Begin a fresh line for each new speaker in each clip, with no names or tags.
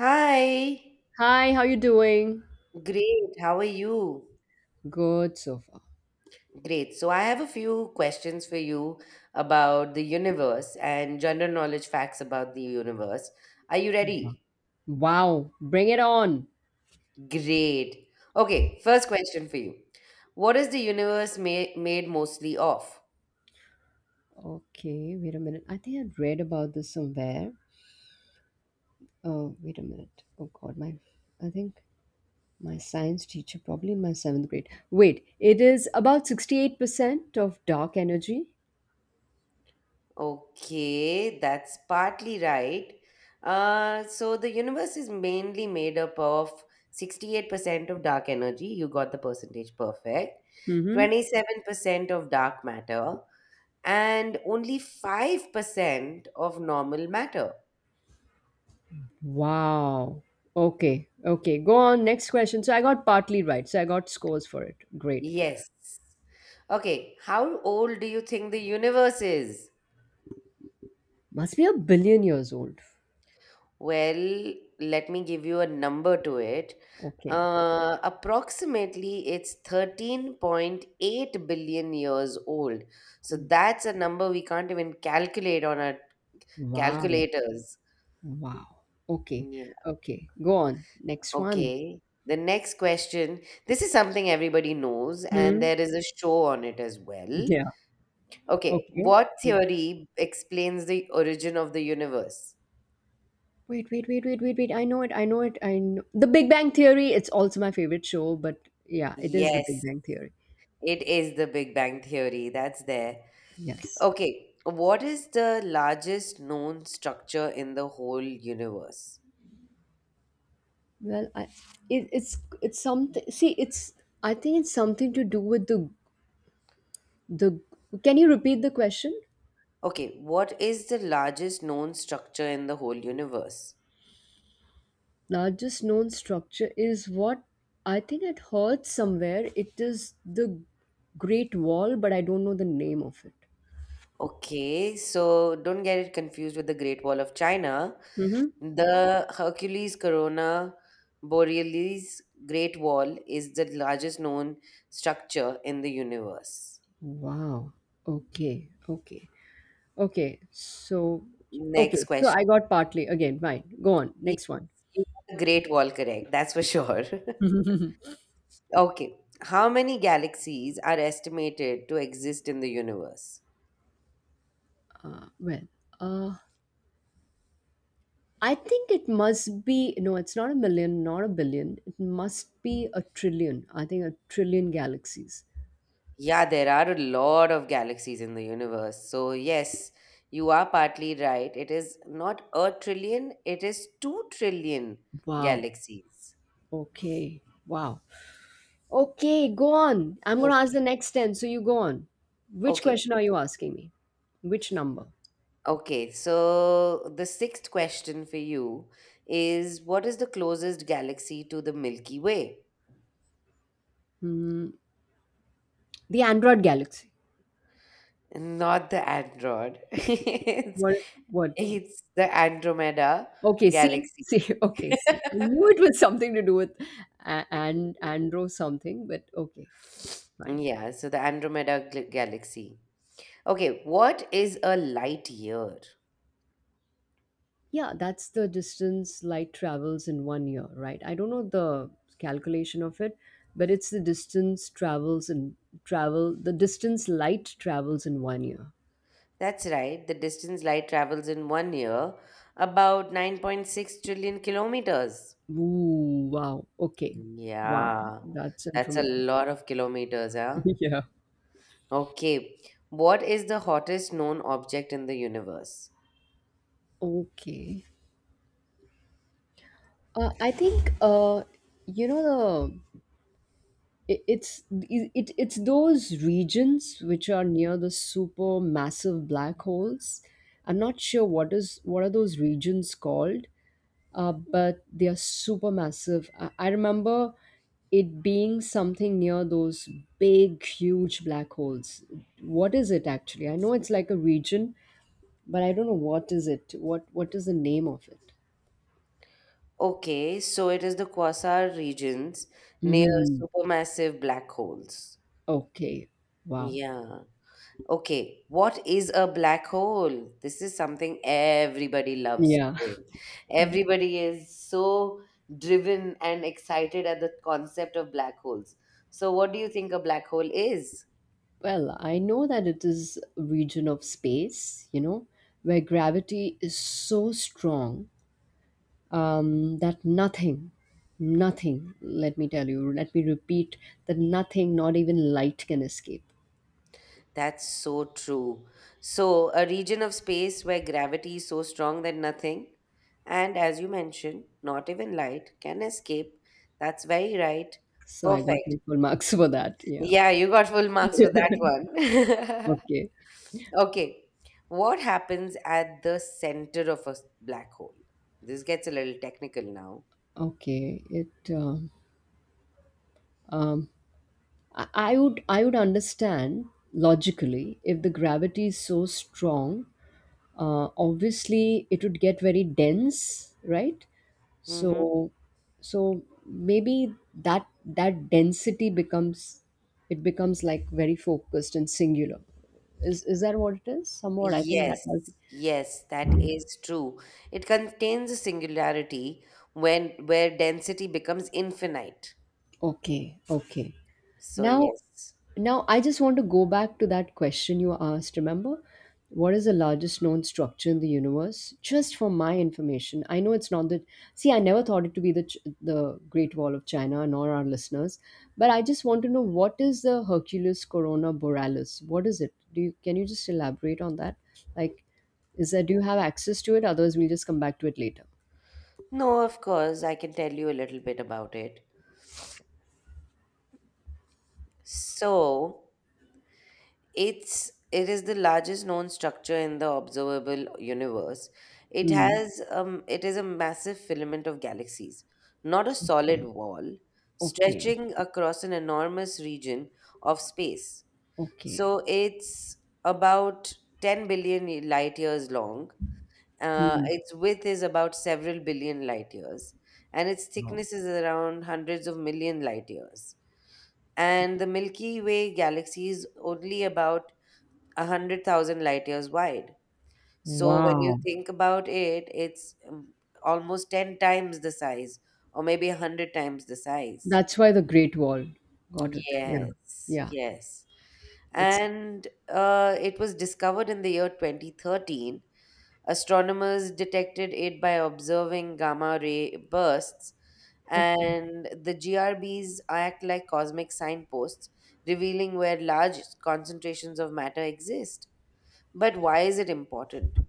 Hi,
Hi, how you doing?
great. How are you?
Good so far.
Great. So, I have a few questions for you about the universe and general knowledge facts about the universe. Are you ready?
Wow, bring it on.
Great. Okay, first question for you. What is the universe made mostly of?
Okay, wait a minute. I think I read about this somewhere. Oh, wait a minute. Oh God, my I think my science teacher, probably in my seventh grade. Wait, it is about 68% of dark energy.
Okay, that's partly right. So, the universe is mainly made up of 68% of dark energy. You got the percentage perfect. 27% of dark matter, and only 5% of normal matter.
Wow. Okay, okay. Go on, next question. So I got partly right. So I got scores for it. Great.
Yes. Okay, how old do you think the universe is?
Must be a billion years old.
Well, let me give you a number to it.
Okay.
Approximately, it's 13.8 billion years old. So that's a number we can't even calculate on our
Wow.
calculators.
Wow. Okay.
Yeah.
Okay. Go on. Next one.
Okay. The next question, this is something everybody knows, and
Hmm.
there is a show on it as well.
Yeah.
Okay.
Okay.
What theory explains the origin of the universe?
Wait, wait, wait, wait, wait, wait. I know it. I know it. I know The Big Bang Theory. It's also my favorite show, but yeah, it is The Big
Yes,
Bang Theory.
it is the Big Bang Theory. That's there.
Yes.
Okay. What is the largest known structure in the whole universe?
Well, it's something. See, it's I think it's something to do with the. Can you repeat the question?
Okay. What is the largest known structure in the whole universe?
Largest known structure is what I think I'd heard somewhere. It is the Great Wall, but I don't know the name of it.
Okay. So don't get it confused with the Great Wall of China.
Mm-hmm.
The Hercules Corona Borealis Great Wall is the largest known structure in the universe.
Wow. Okay. Okay. Okay. So,
Next
okay. So
question.
I got partly again. Fine. Go on.
Yes,
Next one.
you got the Great Wall, correct? That's for sure. Okay. How many galaxies are estimated to exist in the universe?
Well, uh, I think it must be. No, it's not a million, not a billion. It must be a trillion. I think a trillion galaxies.
Yeah, there are a lot of galaxies in the universe. So, yes, you are partly right. It is not a trillion, it is 2 trillion
Wow.
galaxies.
Okay. Wow. Okay. Go on. I'm gonna ask the
Okay.
next ten. So you go on. Which
Okay.
question are you asking me? Which number?
Okay, so the sixth question for you is what is the closest galaxy to the Milky Way?
Hmm. The Android galaxy.
Not the Android.
What? What?
It's the Andromeda
Okay, see,
galaxy.
see, okay, see. I knew it was something to do with and Andro something, but okay, fine.
Yeah, so the Andromeda galaxy. Okay, what is a light year?
Yeah, that's the distance light travels in 1 year, right? I don't know the calculation of it, but it's the distance travels in travel, the distance light travels in 1 year.
That's right, the distance light travels in 1 year, about 9.6 trillion kilometers.
Ooh, wow. Okay. Wow.
Yeah,
That's
that's a
informative.
lot of kilometers, huh?
Yeah.
Okay, what is the hottest known object in the universe?
Okay. I think, you know, the it- it's it, it's those regions which are near the super massive black holes. I'm not sure what are those regions called. But they are super massive. I remember it being something near those big huge black holes. What is it actually? I know it's like a region, but I don't know what is it. What is the name of it?
Okay, so it is the quasar regions near
Hmm.
supermassive black holes.
Okay. Wow.
Yeah. Okay, what is a black hole? This is something everybody loves
Yeah.
today. Everybody is so driven and excited at the concept of black holes. So, what do you think a black hole is?
Well, I know that it is a region of space, you know, where gravity is so strong, that nothing, nothing, let me tell you, let me repeat, that nothing, not even light, can escape.
That's so true. So, a region of space where gravity is so strong that nothing, and as you mentioned, not even light, can escape. That's very right.
So I got
Perfect.
my full marks for that. Yeah.
Yeah, you got full marks for
Yeah.
that one.
Okay.
Okay. What happens at the center of a black hole? This gets a little technical now.
Okay. It. Um, um, I would. I would understand logically, if the gravity is so strong, obviously it would get very dense, right?
Mm-hmm.
So so maybe that density becomes, it becomes like very focused and singular. Is that what it is, somewhat? I think
Yes,
that must be.
yes, that is true. It contains a singularity when where density becomes infinite.
Okay, okay.
So,
Now,
yes.
now, I just want to go back to that question you asked. Remember, what is the largest known structure in the universe? Just for my information, I know it's not that. See, I never thought it to be the Great Wall of China, nor our listeners. But I just want to know, what is the Hercules Corona Borealis? What is it? Do you can you just elaborate on that? Like, is that do you have access to it? Otherwise, we'll just come back to it later.
No, of course, I can tell you a little bit about it. So, it is the largest known structure in the observable universe. It
Hmm.
has it is a massive filament of galaxies, not a solid
Okay.
wall,
Okay.
stretching across an enormous region of space.
Okay.
So, it's about 10 billion light years long.
Hmm.
Its width is about several billion light years, and its
Wow.
thickness is around hundreds of million light years. And the Milky Way galaxy is only about 100,000 light years wide. So when you
Wow.
think about it, it's almost 10 times the size, or maybe 100 times the size.
That's why the Great Wall. Got it. Yeah.
Yes,
Yeah.
yes.
It's
And it was discovered in the year 2013. Astronomers detected it by observing gamma ray bursts,
okay.
and the GRBs act like cosmic signposts, revealing where large concentrations of matter exist. But why is it important?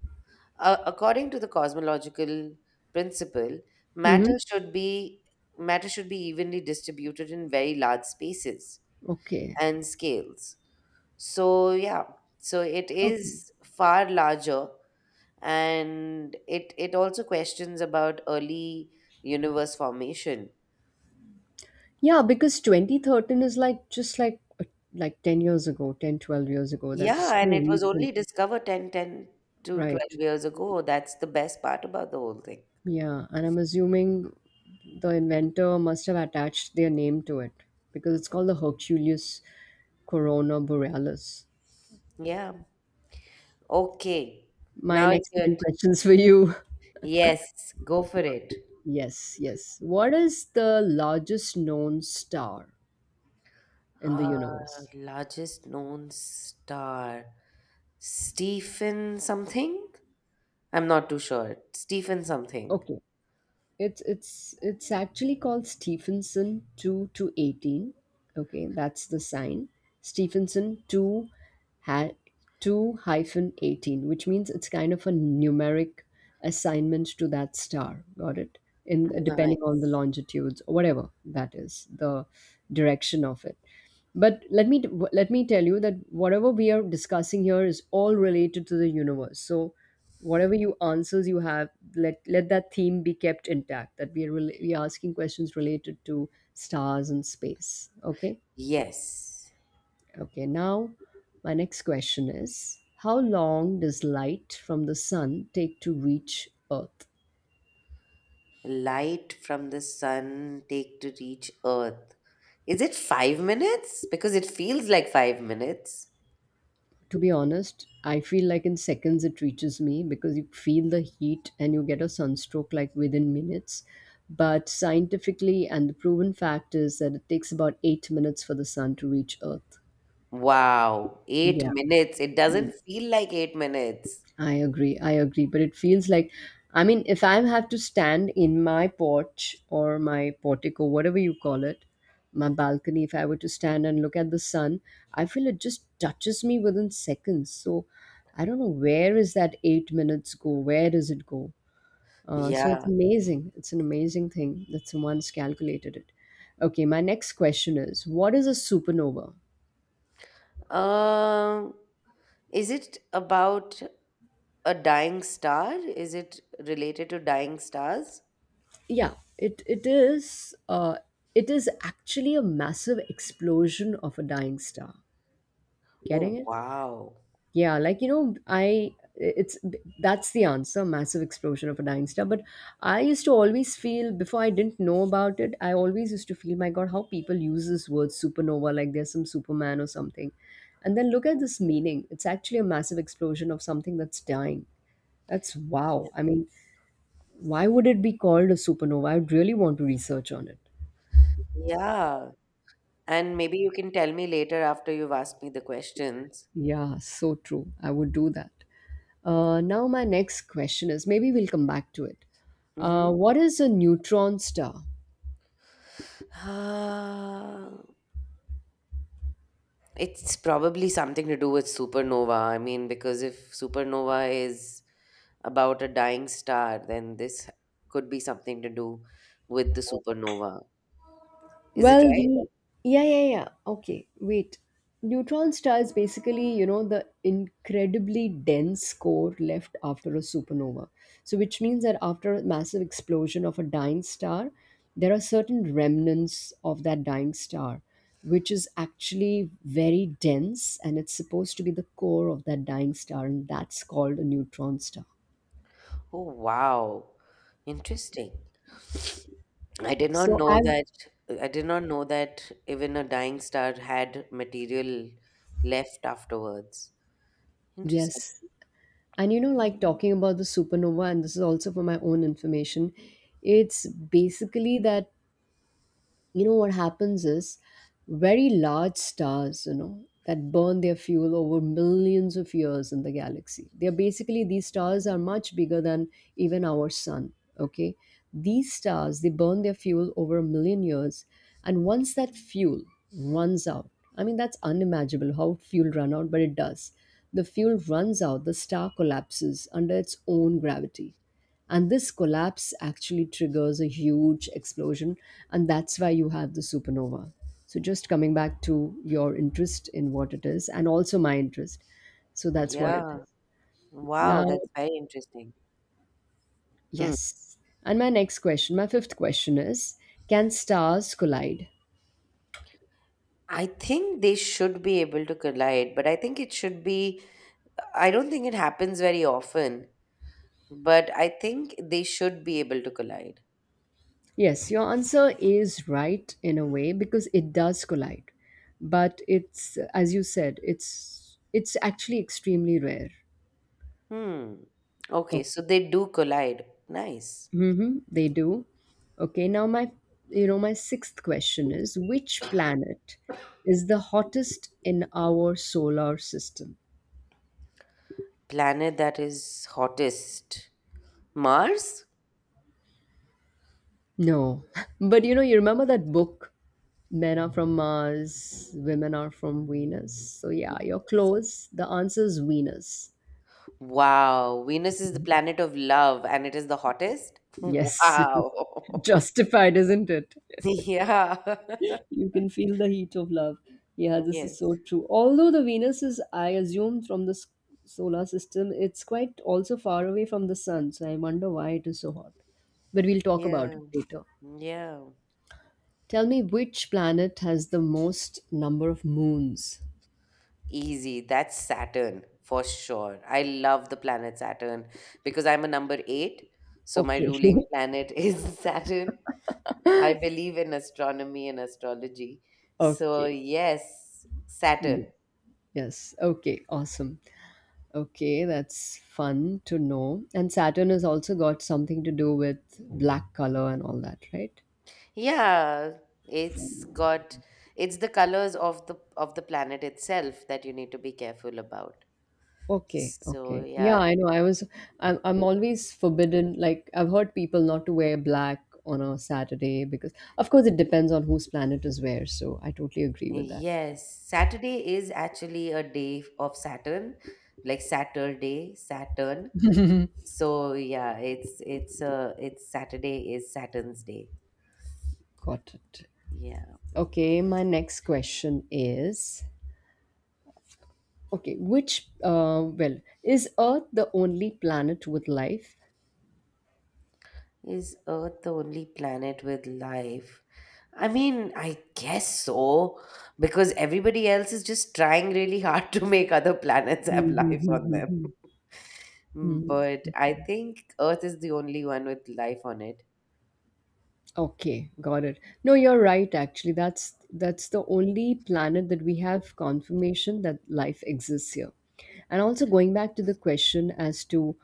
According to the cosmological principle,
Mm-hmm.
matter should be matter should be evenly distributed in very large spaces
Okay.
and scales. So yeah, so it
Okay.
is far larger, and it also questions about early universe formation.
Yeah, because 2013 is like, just like, like 10 years ago, 10, 12 years ago.
Yeah
That's so
and it was only
recent.
discovered 10 10 to 12
Right.
years ago that's the best part about the whole thing
Yeah. And I'm assuming the inventor must have attached their name to it, because it's called the Herculeus Corona Borealis.
yeah.
Okay.
Okay,
My
now it's
next 10 questions for you.
yes, go for it.
Yes, yes. What is the largest known star in the
uh
universe?
Largest known star, Stephen something. I'm not too sure, Stephen something.
Okay, it's actually called Stephenson 2-18. Okay, that's the sign. Stephenson two, ha- 2-18, which means it's kind of a numeric assignment to that star. Got it? In,
Nice.
depending on the longitudes or whatever that is, the direction of it. But let me tell you that whatever we are discussing here is all related to the universe. So whatever you answers you have, let that theme be kept intact, that we are we are asking questions related to stars and space. Okay.
Yes,
Okay, now my next question is, how long does light from the sun take to reach Earth?
light from the sun take to reach earth, is it 5 minutes? Because it feels like 5 minutes.
To be honest, I feel like in seconds it reaches me, because you feel the heat and you get a sunstroke like within minutes. But scientifically, and the proven fact is that it takes about 8 minutes for the sun to reach Earth.
Wow, 8
Yeah.
minutes, it doesn't feel like 8 minutes.
I agree. I agree. But it feels like, I mean, if I have to stand in my porch, or my portico, whatever you call it, my balcony, if I were to stand and look at the sun, I feel it just touches me within seconds. So I don't know, where is that 8 minutes go? Where does it go? So it's
Yeah.
amazing. It's an amazing thing that someone's calculated it. Okay, my next question is, what is a supernova?
um is it about a dying star? Is it related to dying stars?
Yeah, it is actually a massive explosion of a dying star. Getting
Oh
it?
wow.
Yeah, like, you know I it's that's the answer. Massive explosion of a dying star. But I used to always feel, before I didn't know about it, I always used to feel, my god, how people use this word supernova, like there's some superman or something. And then look at this meaning. It's actually a massive explosion of something that's dying. That's
Yeah.
wow. I mean, why would it be called a supernova? I would really want to research on it.
Yeah. And maybe you can tell me later after you've asked me the questions.
Yeah, so true. I would do that. Now, my next question is, maybe we'll come back to it.
Mm-hmm.
What is a neutron star?
It's probably something to do with supernova. I mean, because if supernova is about a dying star, then this could be something to do with the supernova. Is it
Well,
right?
the yeah, yeah, yeah. Okay, wait. Neutron stars basically, you know, the incredibly dense core left after a supernova. So, which means that after a massive explosion of a dying star, there are certain remnants of that dying star, which is actually very dense, and it's supposed to be the core of that dying star, and that's called a neutron star.
Oh, wow. Interesting. I did not
So,
know
I've,
that. I did not know that even a dying star had material left afterwards. Interesting.
yes. And you know, like, talking about the supernova, and this is also for my own information, it's basically that, you know what happens is, very large stars, you know, that burn their fuel over millions of years in the galaxy. They are basically, these stars are much bigger than even our sun. Okay, these stars, they burn their fuel over a million years, and once that fuel runs out, I mean, that's unimaginable how fuel run out, but it does. The fuel runs out, the star collapses under its own gravity, and this collapse actually triggers a huge explosion, and that's why you have the supernova. So just coming back to your interest in what it is, and also my interest, so that's what it
Yeah.
is.
Wow,
Now,
that's very interesting. Hmm.
yes. And my next question, my fifth question is, can stars collide?
I think they should be able to collide, but I think it should be I don't think it happens very often, but I think they should be able to collide.
Yes, your answer is right in a way, because it does collide, but it's, as you said, it's actually extremely rare.
Hmm. Okay, so they do collide. Nice.
Mm-hmm, they do. Okay, now my sixth question is, which planet is the hottest in our solar system?
Planet that is hottest. Mars?
No. But you remember that book, Men Are From Mars, Women Are From Venus. So yeah, you're
Yes.
close. The answer is Venus.
Wow. Venus is the planet of love and it is the hottest?
Yes,
Wow.
justified, isn't it?
Yeah.
You can feel the heat of love. Yeah, this is
Yes.
so true. Although the Venus is, I assume, from the solar system, it's quite also far away from the sun. So I wonder why it is so hot. But we'll talk about
Yeah.
it later.
Yeah.
Tell me, which planet has the most number of moons?
Easy. That's Saturn for sure. I love the planet Saturn because I'm a number 8. So my
Okay.
ruling planet is Saturn. I believe in astronomy and astrology. So,
Okay.
yes,
Yeah.
Saturn.
Yes. Okay. Awesome. Okay. That's fun to know. And Saturn has also got something to do with black color and all that, right?
Yeah, it's got it's the colors of the planet itself that you need to be careful about.
Okay,
So,
okay. Yeah,
yeah,
I know. I'm always forbidden, like, I've heard people not to wear black on a Saturday, because of course it depends on whose planet is where, so I totally agree with that.
yes, Saturday is actually a day of Saturn, like Saturday, Saturn. So yeah, it's Saturday is Saturn's day.
Got it.
Yeah.
Okay, my next question is, okay, is Earth the only planet with life?
Is Earth the only planet with life? I mean, I guess so, because everybody else is just trying really hard to make other planets have life on them.
Mm-hmm.
Mm, but I think Earth is the only one with life on it.
Okay, got it. No, you're right, actually. That's the only planet that we have confirmation that life exists here. And also going back to the question as to,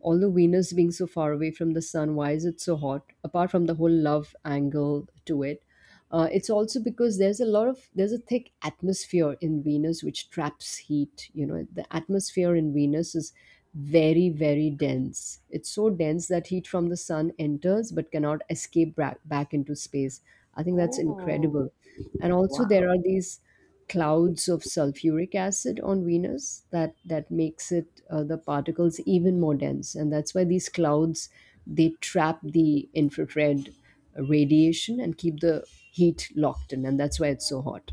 although Venus being so far away from the sun, why is it so hot? Apart from the whole love angle to it, it's also because there's a thick atmosphere in Venus which traps heat. You know, the atmosphere in Venus is very very dense. It's so dense that heat from the sun enters but cannot escape back into space. I think that's
Oh,
incredible. And also
wow.
there are these clouds of sulfuric acid on Venus that makes it the particles even more dense, and that's why these clouds they trap the infrared radiation and keep the heat locked in, and that's why it's so hot.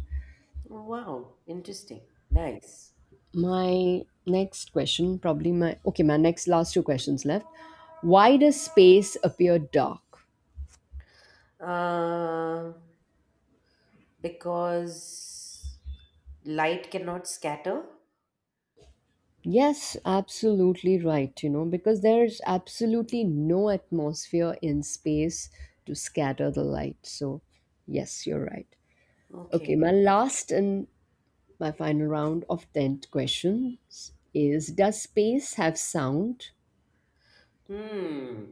Wow. Interesting. Nice.
My next question, my next last two questions left. Why does space appear dark?
Uh, because light cannot scatter.
Yes, absolutely right, you know, because there's absolutely no atmosphere in space to scatter the light. So, yes, you're right. Okay,
Okay.
my last and my final round of 10 questions is, does space have sound?
Hmm.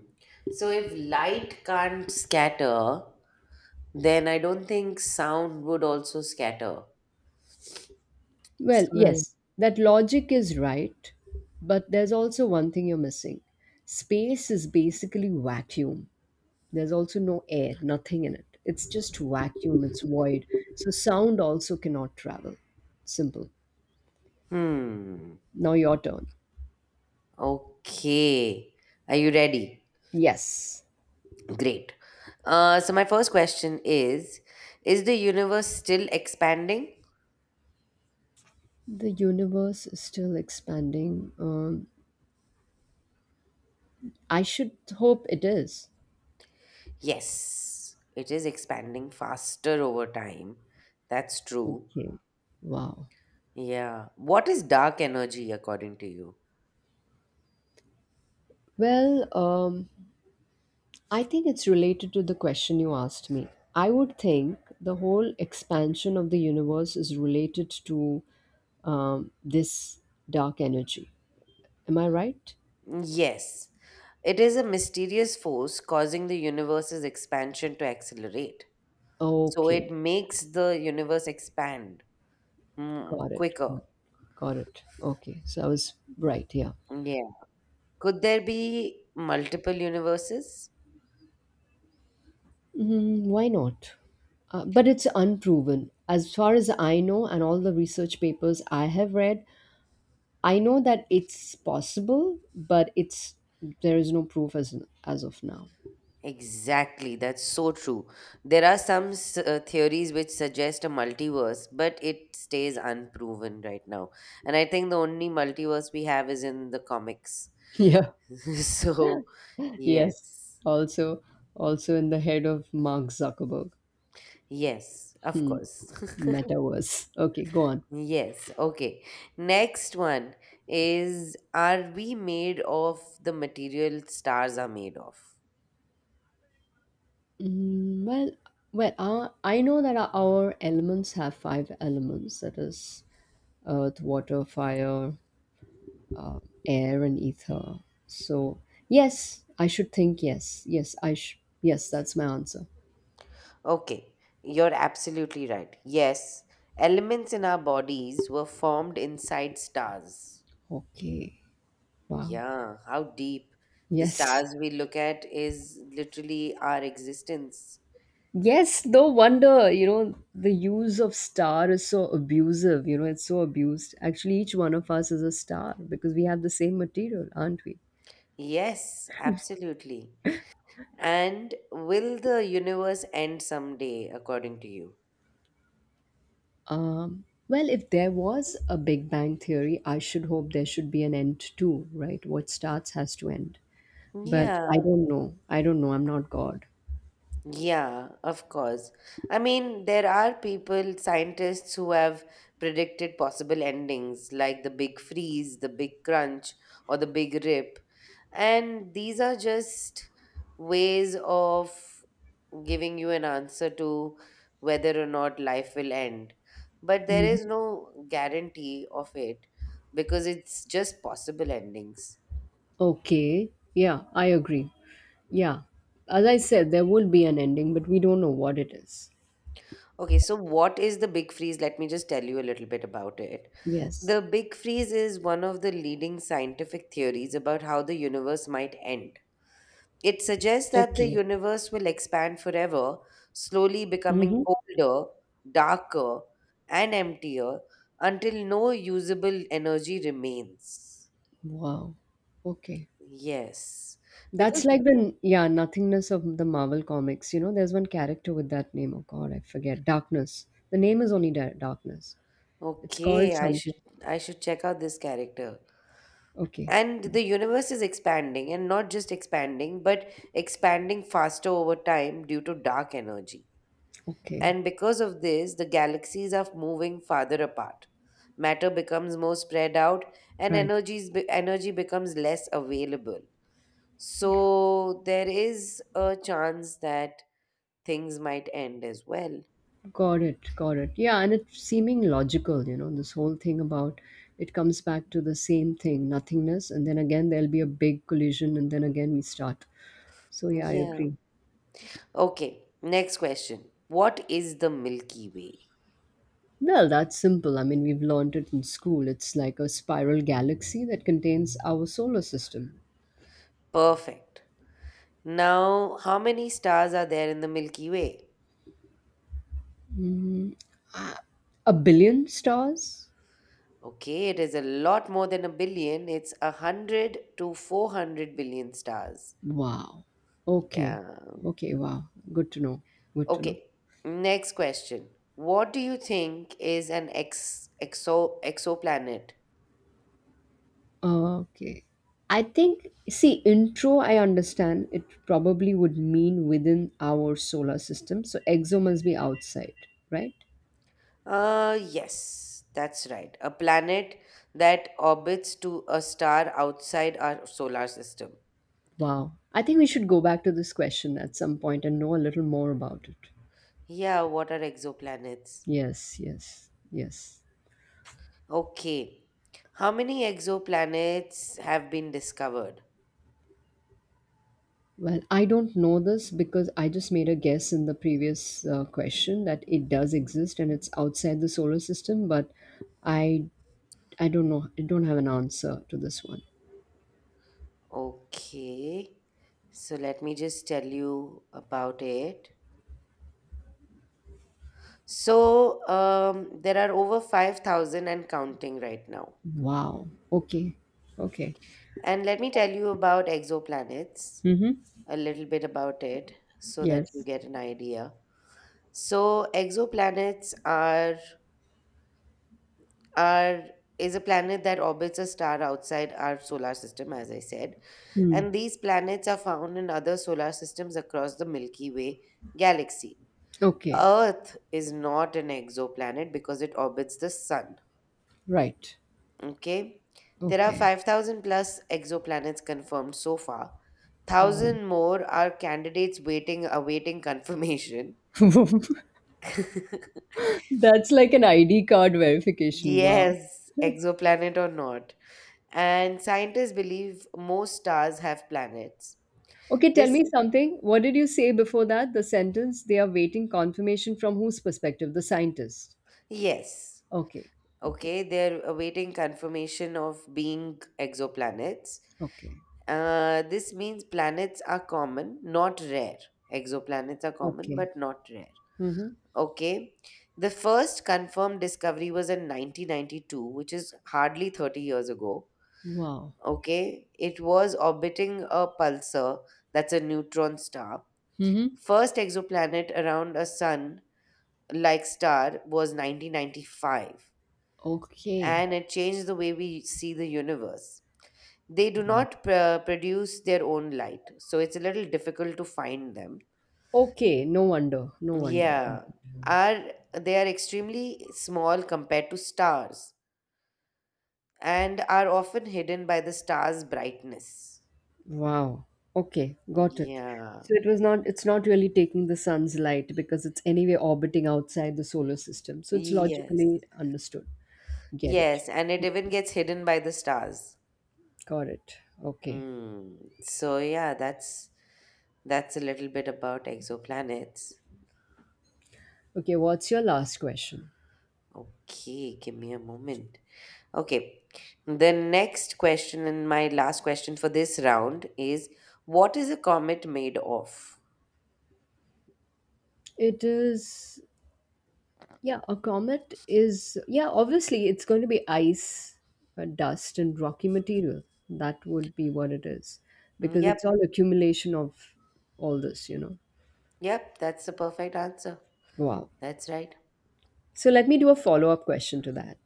So if light can't scatter, then I don't think sound would also scatter.
Well,
So,
yes, that logic is right, but there's also one thing you're missing. Space is basically vacuum. There's also no air, nothing in it. It's just vacuum, it's void. So sound also cannot travel. Simple.
hmm.
Now your turn.
Okay. Are you ready?
Yes,
Great. So my first question is the universe still expanding?
the universe is still expanding. I should hope it is.
Yes, it is expanding faster over time. That's true.
Okay. Wow.
Yeah. What is dark energy according to you?
Well, um, I think it's related to the question you asked me. I would think the whole expansion of the universe is related to this dark energy. Am I right?
Yes. It is a mysterious force causing the universe's expansion to accelerate. So
Okay.
it makes the universe expand,
Got it. Got
quicker.
it. Got it. Okay. So I was right. Yeah.
Yeah. Could there be multiple universes?
Mm, why not? But it's unproven. As far as I know, and all the research papers I have read, I know that it's possible, but it's there is no proof as of now.
Exactly, that's so true. There are some theories which suggest a multiverse, but it stays unproven right now. And I think the only multiverse we have is in the comics.
Yeah.
So,
Yes.
yes.
Also, also in the head of Mark Zuckerberg.
Yes, of
Hmm.
course.
Metaverse. Okay. Go on.
Yes, okay. Next one is, are we made of the material stars are made of?
Mm, well, I know that our elements have 5 elements. That is earth, water, fire, air, and ether. So, yes, I should think yes. Yes, that's my answer.
Okay, you're absolutely right. Yes, elements in our bodies were formed inside stars.
Okay. Wow.
Yeah, how deep. The
Yes.
stars we look at is literally our existence.
Yes, no wonder, you know, the use of star is so abusive. You know, it's so abused. Actually, each one of us is a star because we have the same material, aren't we?
Yes, absolutely. And will the universe end someday, according to you?
Well, if there was a Big Bang theory, I should hope there should be an end too, right? What starts has to end. But I
Yeah.
don't know. I don't know. I'm not God.
Yeah, of course. I mean, there are people, scientists, who have predicted possible endings like the big freeze, the big crunch, or the big rip. And these are just ways of giving you an answer to whether or not life will end. But there
Mhm.
is no guarantee of it because it's just possible endings.
Okay. Yeah, I agree. Yeah. As I said, there will be an ending, but we don't know what it is.
Okay, so what is the big freeze? Let me just tell you a little bit about it.
Yes.
The Big Freeze is one of the leading scientific theories about how the universe might end. It suggests that the
Okay.
universe will expand forever, slowly becoming
Mm-hmm.
colder, darker, and emptier until no usable energy remains.
Wow. Okay.
Yes. Because
That's like the yeah nothingness of the Marvel comics. You know, there's one character with that name. Oh God, I forget. Darkness. The name is only Darkness. It's called
okay, I
something.
should I should check out this character.
Okay.
And the universe is expanding and not just expanding, but expanding faster over time due to dark energy.
Okay.
And because of this, the galaxies are moving farther apart. Matter becomes more spread out, and
Right.
energy becomes less available. So there is a chance that things might end as well.
Got it. Yeah, and it's seeming logical, you know, this whole thing about it comes back to the same thing, nothingness, and then again there'll be a big collision, and then again we start. So, yeah, I
Yeah.
agree.
Okay, next question. What is the Milky Way?
Well, that's simple. I mean, we've learned it in school. It's like a spiral galaxy that contains our solar system.
Perfect. Now, how many stars are there in the Milky Way?
A billion stars?
Okay, it is a lot more than a billion. It's a 100 to 400 billion stars.
Wow. Okay.
Yeah.
Okay, wow. Good to know. Good to know.
Okay. Next question. What do you think is an ex exo exoplanet?
Okay. I think, see, intro, I understand it probably would mean within our solar system. So exo must be outside, right?
Yes, that's right. A planet that orbits to a star outside our solar system.
Wow. I think we should go back to this question at some point and know a little more about it.
Yeah, what are exoplanets?
Yes, yes, yes.
Okay. How many exoplanets have been discovered?
Well, I don't know this because I just made a guess in the previous question that it does exist and it's outside the solar system, but I I don't know. I don't have an answer to this one.
Okay. So let me just tell you about it. So there are over 5,000 and counting right now.
Wow. Okay. Okay.
And let me tell you about exoplanets,
Mm-hmm.
a little bit about it so that you
Yes.
get an idea. So exoplanets are is a planet that orbits a star outside our solar system, as I said.
Hmm.
And these planets are found in other solar systems across the Milky Way galaxy.
Okay.
Earth is not an exoplanet because it orbits the sun.
Right.
Okay. There are
Okay.
5,000 plus exoplanets confirmed so far.
Wow.
1,000 more are candidates waiting awaiting confirmation.
That's like an ID card verification. Wow.
Yes, exoplanet or not. And scientists believe most stars have planets.
Okay, tell
This,
me something. What did you say before that? The sentence they are waiting confirmation from whose perspective? The scientist.
yes.
Okay. Okay.
Okay, they're awaiting confirmation of being exoplanets.
Okay.
This means planets are common, not rare. Exoplanets are common,
Okay.
but not rare.
Mm-hmm.
Okay. The first confirmed discovery was in 1992, which is hardly 30 years ago.
Wow.
Okay. It was orbiting a pulsar, that's a neutron star.
Mm-hmm.
First exoplanet around a sun like star was 1995,
Okay.
and it changed the way we see the universe. They do
Wow.
not produce their own light, so it's a little difficult to find them.
Okay. No wonder. No wonder.
Yeah. Are they are extremely small compared to stars and are often hidden by the star's brightness.
Wow. Okay, got it.
Yeah.
So it was not it's not really taking the sun's light because it's anyway orbiting outside the solar system. So it's
Yes.
logically understood. Get it.
Yes, and it even gets hidden by the stars.
Got it. Okay.
Hmm. So yeah, that's a little bit about exoplanets.
Okay, what's your last question?
Okay, give me a moment. Okay. The next question and my last question for this round is, what is a comet made of?
It is yeah, a comet is yeah, obviously it's going to be ice, dust and rocky material. That would be what it is
Hmm.
because it's
Yep.
all accumulation of all this, you know.
Yep, that's the perfect answer.
Wow.
That's right.
So let me do a follow up question to that.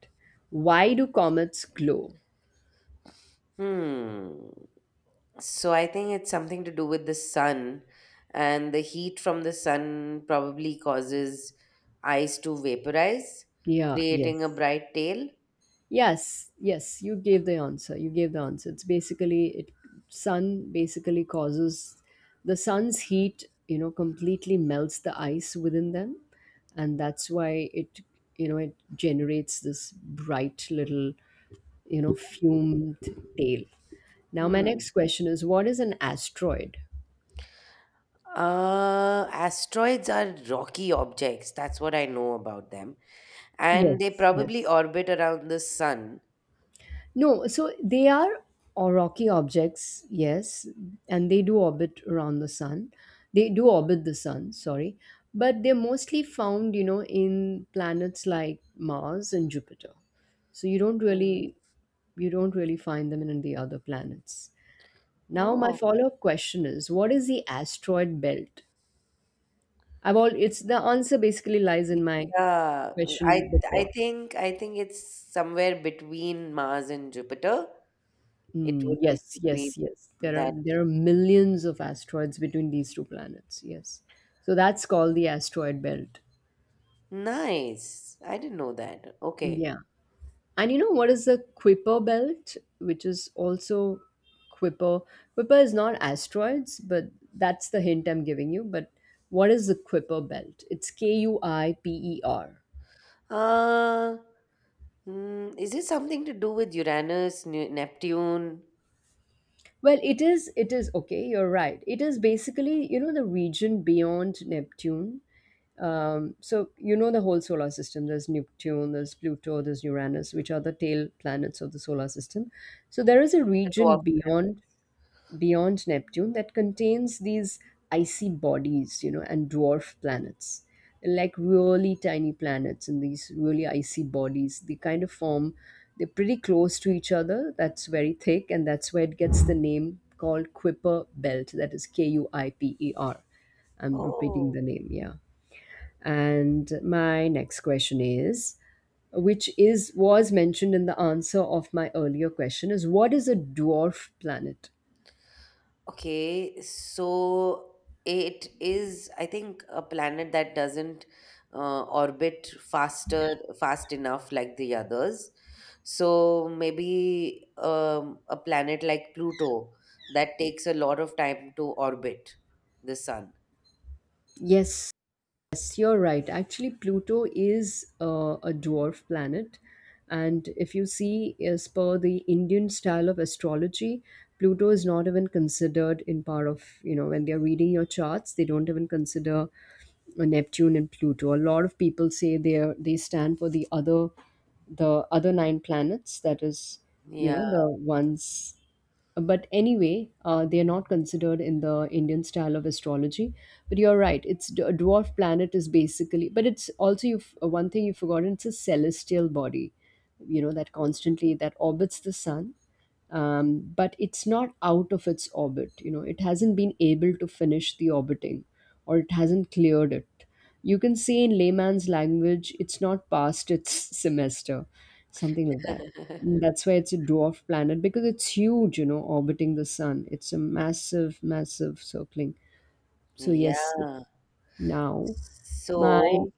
Why do comets glow?
Hmm. So I think it's something to do with the sun, and the heat from the sun probably causes ice to vaporize,
Yeah,
creating a
yes.
bright tail.
Yes, yes, you gave the answer. You gave the answer. It's basically it sun basically causes the sun's heat, you know, completely melts the ice within them and that's why it you know it generates this bright little, you know, fumed tail. Now my
Hmm.
next question is, what is an asteroid?
Asteroids are rocky objects. That's what I know about them. And they
Yes,
probably
yes.
orbit around the sun.
No, so they are or rocky objects, yes, and they do orbit around the sun. They do orbit the sun, sorry, but they're mostly found, you know, in planets like Mars and Jupiter. So
Mm.
you don't really find them in the other planets. Now my
Oh.
follow-up question is, what is the asteroid belt? I've all it's the answer basically lies in my
Yeah. I
question
I
before.
think I think it's somewhere between Mars and Jupiter. It
Mm,
would be
yes,
between
yes, yes. There are
that.
there are millions of asteroids between these two planets. Yes. So that's called the asteroid belt.
Nice. I didn't know that. Okay.
Yeah. And you know what is the Kuiper belt, which is also Kuiper. Kuiper is not asteroids, but that's the hint I'm giving you. But what is the Kuiper belt? It's Kuiper.
Uh, is it something to do with Uranus, Neptune,
Well, it is, okay, you're right. It is basically, you know, the region beyond Neptune. So, you know, the whole solar system there's Neptune, there's Pluto, there's Uranus, which are the tail planets of the solar system. So, there is a
the dwarf
region
planet?
beyond Neptune that contains these icy bodies, you know, and dwarf planets. Like really tiny planets and these really icy bodies. They kind of form, they're pretty close to each other. That's very thick, and that's where it gets the name called Kuiper Belt. That is Kuiper. I'm repeating
Oh,
the name, yeah. And my next question is which is was mentioned in the answer of my earlier question is, what is a dwarf planet?
okay. So it is, I think, a planet that doesn't fast enough like the others. So maybe a planet like Pluto that takes a lot of time to orbit the sun.
Yes. Yes, you're right. Actually, Pluto is a dwarf planet. And if you see, as per the Indian style of astrology, Pluto is not even considered in part of, you know, when they're reading your charts, they don't even consider Neptune and Pluto. A lot of people say they are, they stand for the other 9 planets, that is, you know,
Yeah.
the ones but anyway, they are not considered in the Indian style of astrology. But you're right; a dwarf planet is basically, but it's also you have one thing you've forgotten. It's a celestial body, you know, that orbits the sun, but it's not out of its orbit. You know, it hasn't been able to finish the orbiting, or it hasn't cleared it. You can say in layman's language, it's not past its semester something like that. That's why it's a dwarf planet because it's huge, you know, orbiting the sun. It's a massive, massive circling. So yes,
Yeah.
now my
So,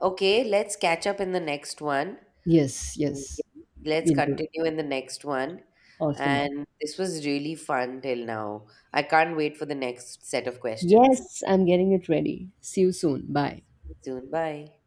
okay, let's catch up in the next one.
yes,
Mm, yeah.
yes,
Let's
we do that.
continue in the next one.
Awesome.
And this was really fun till now. I can't wait for the next set of questions.
Yes, I'm getting it ready. See you soon. Bye.
Soon. Bye.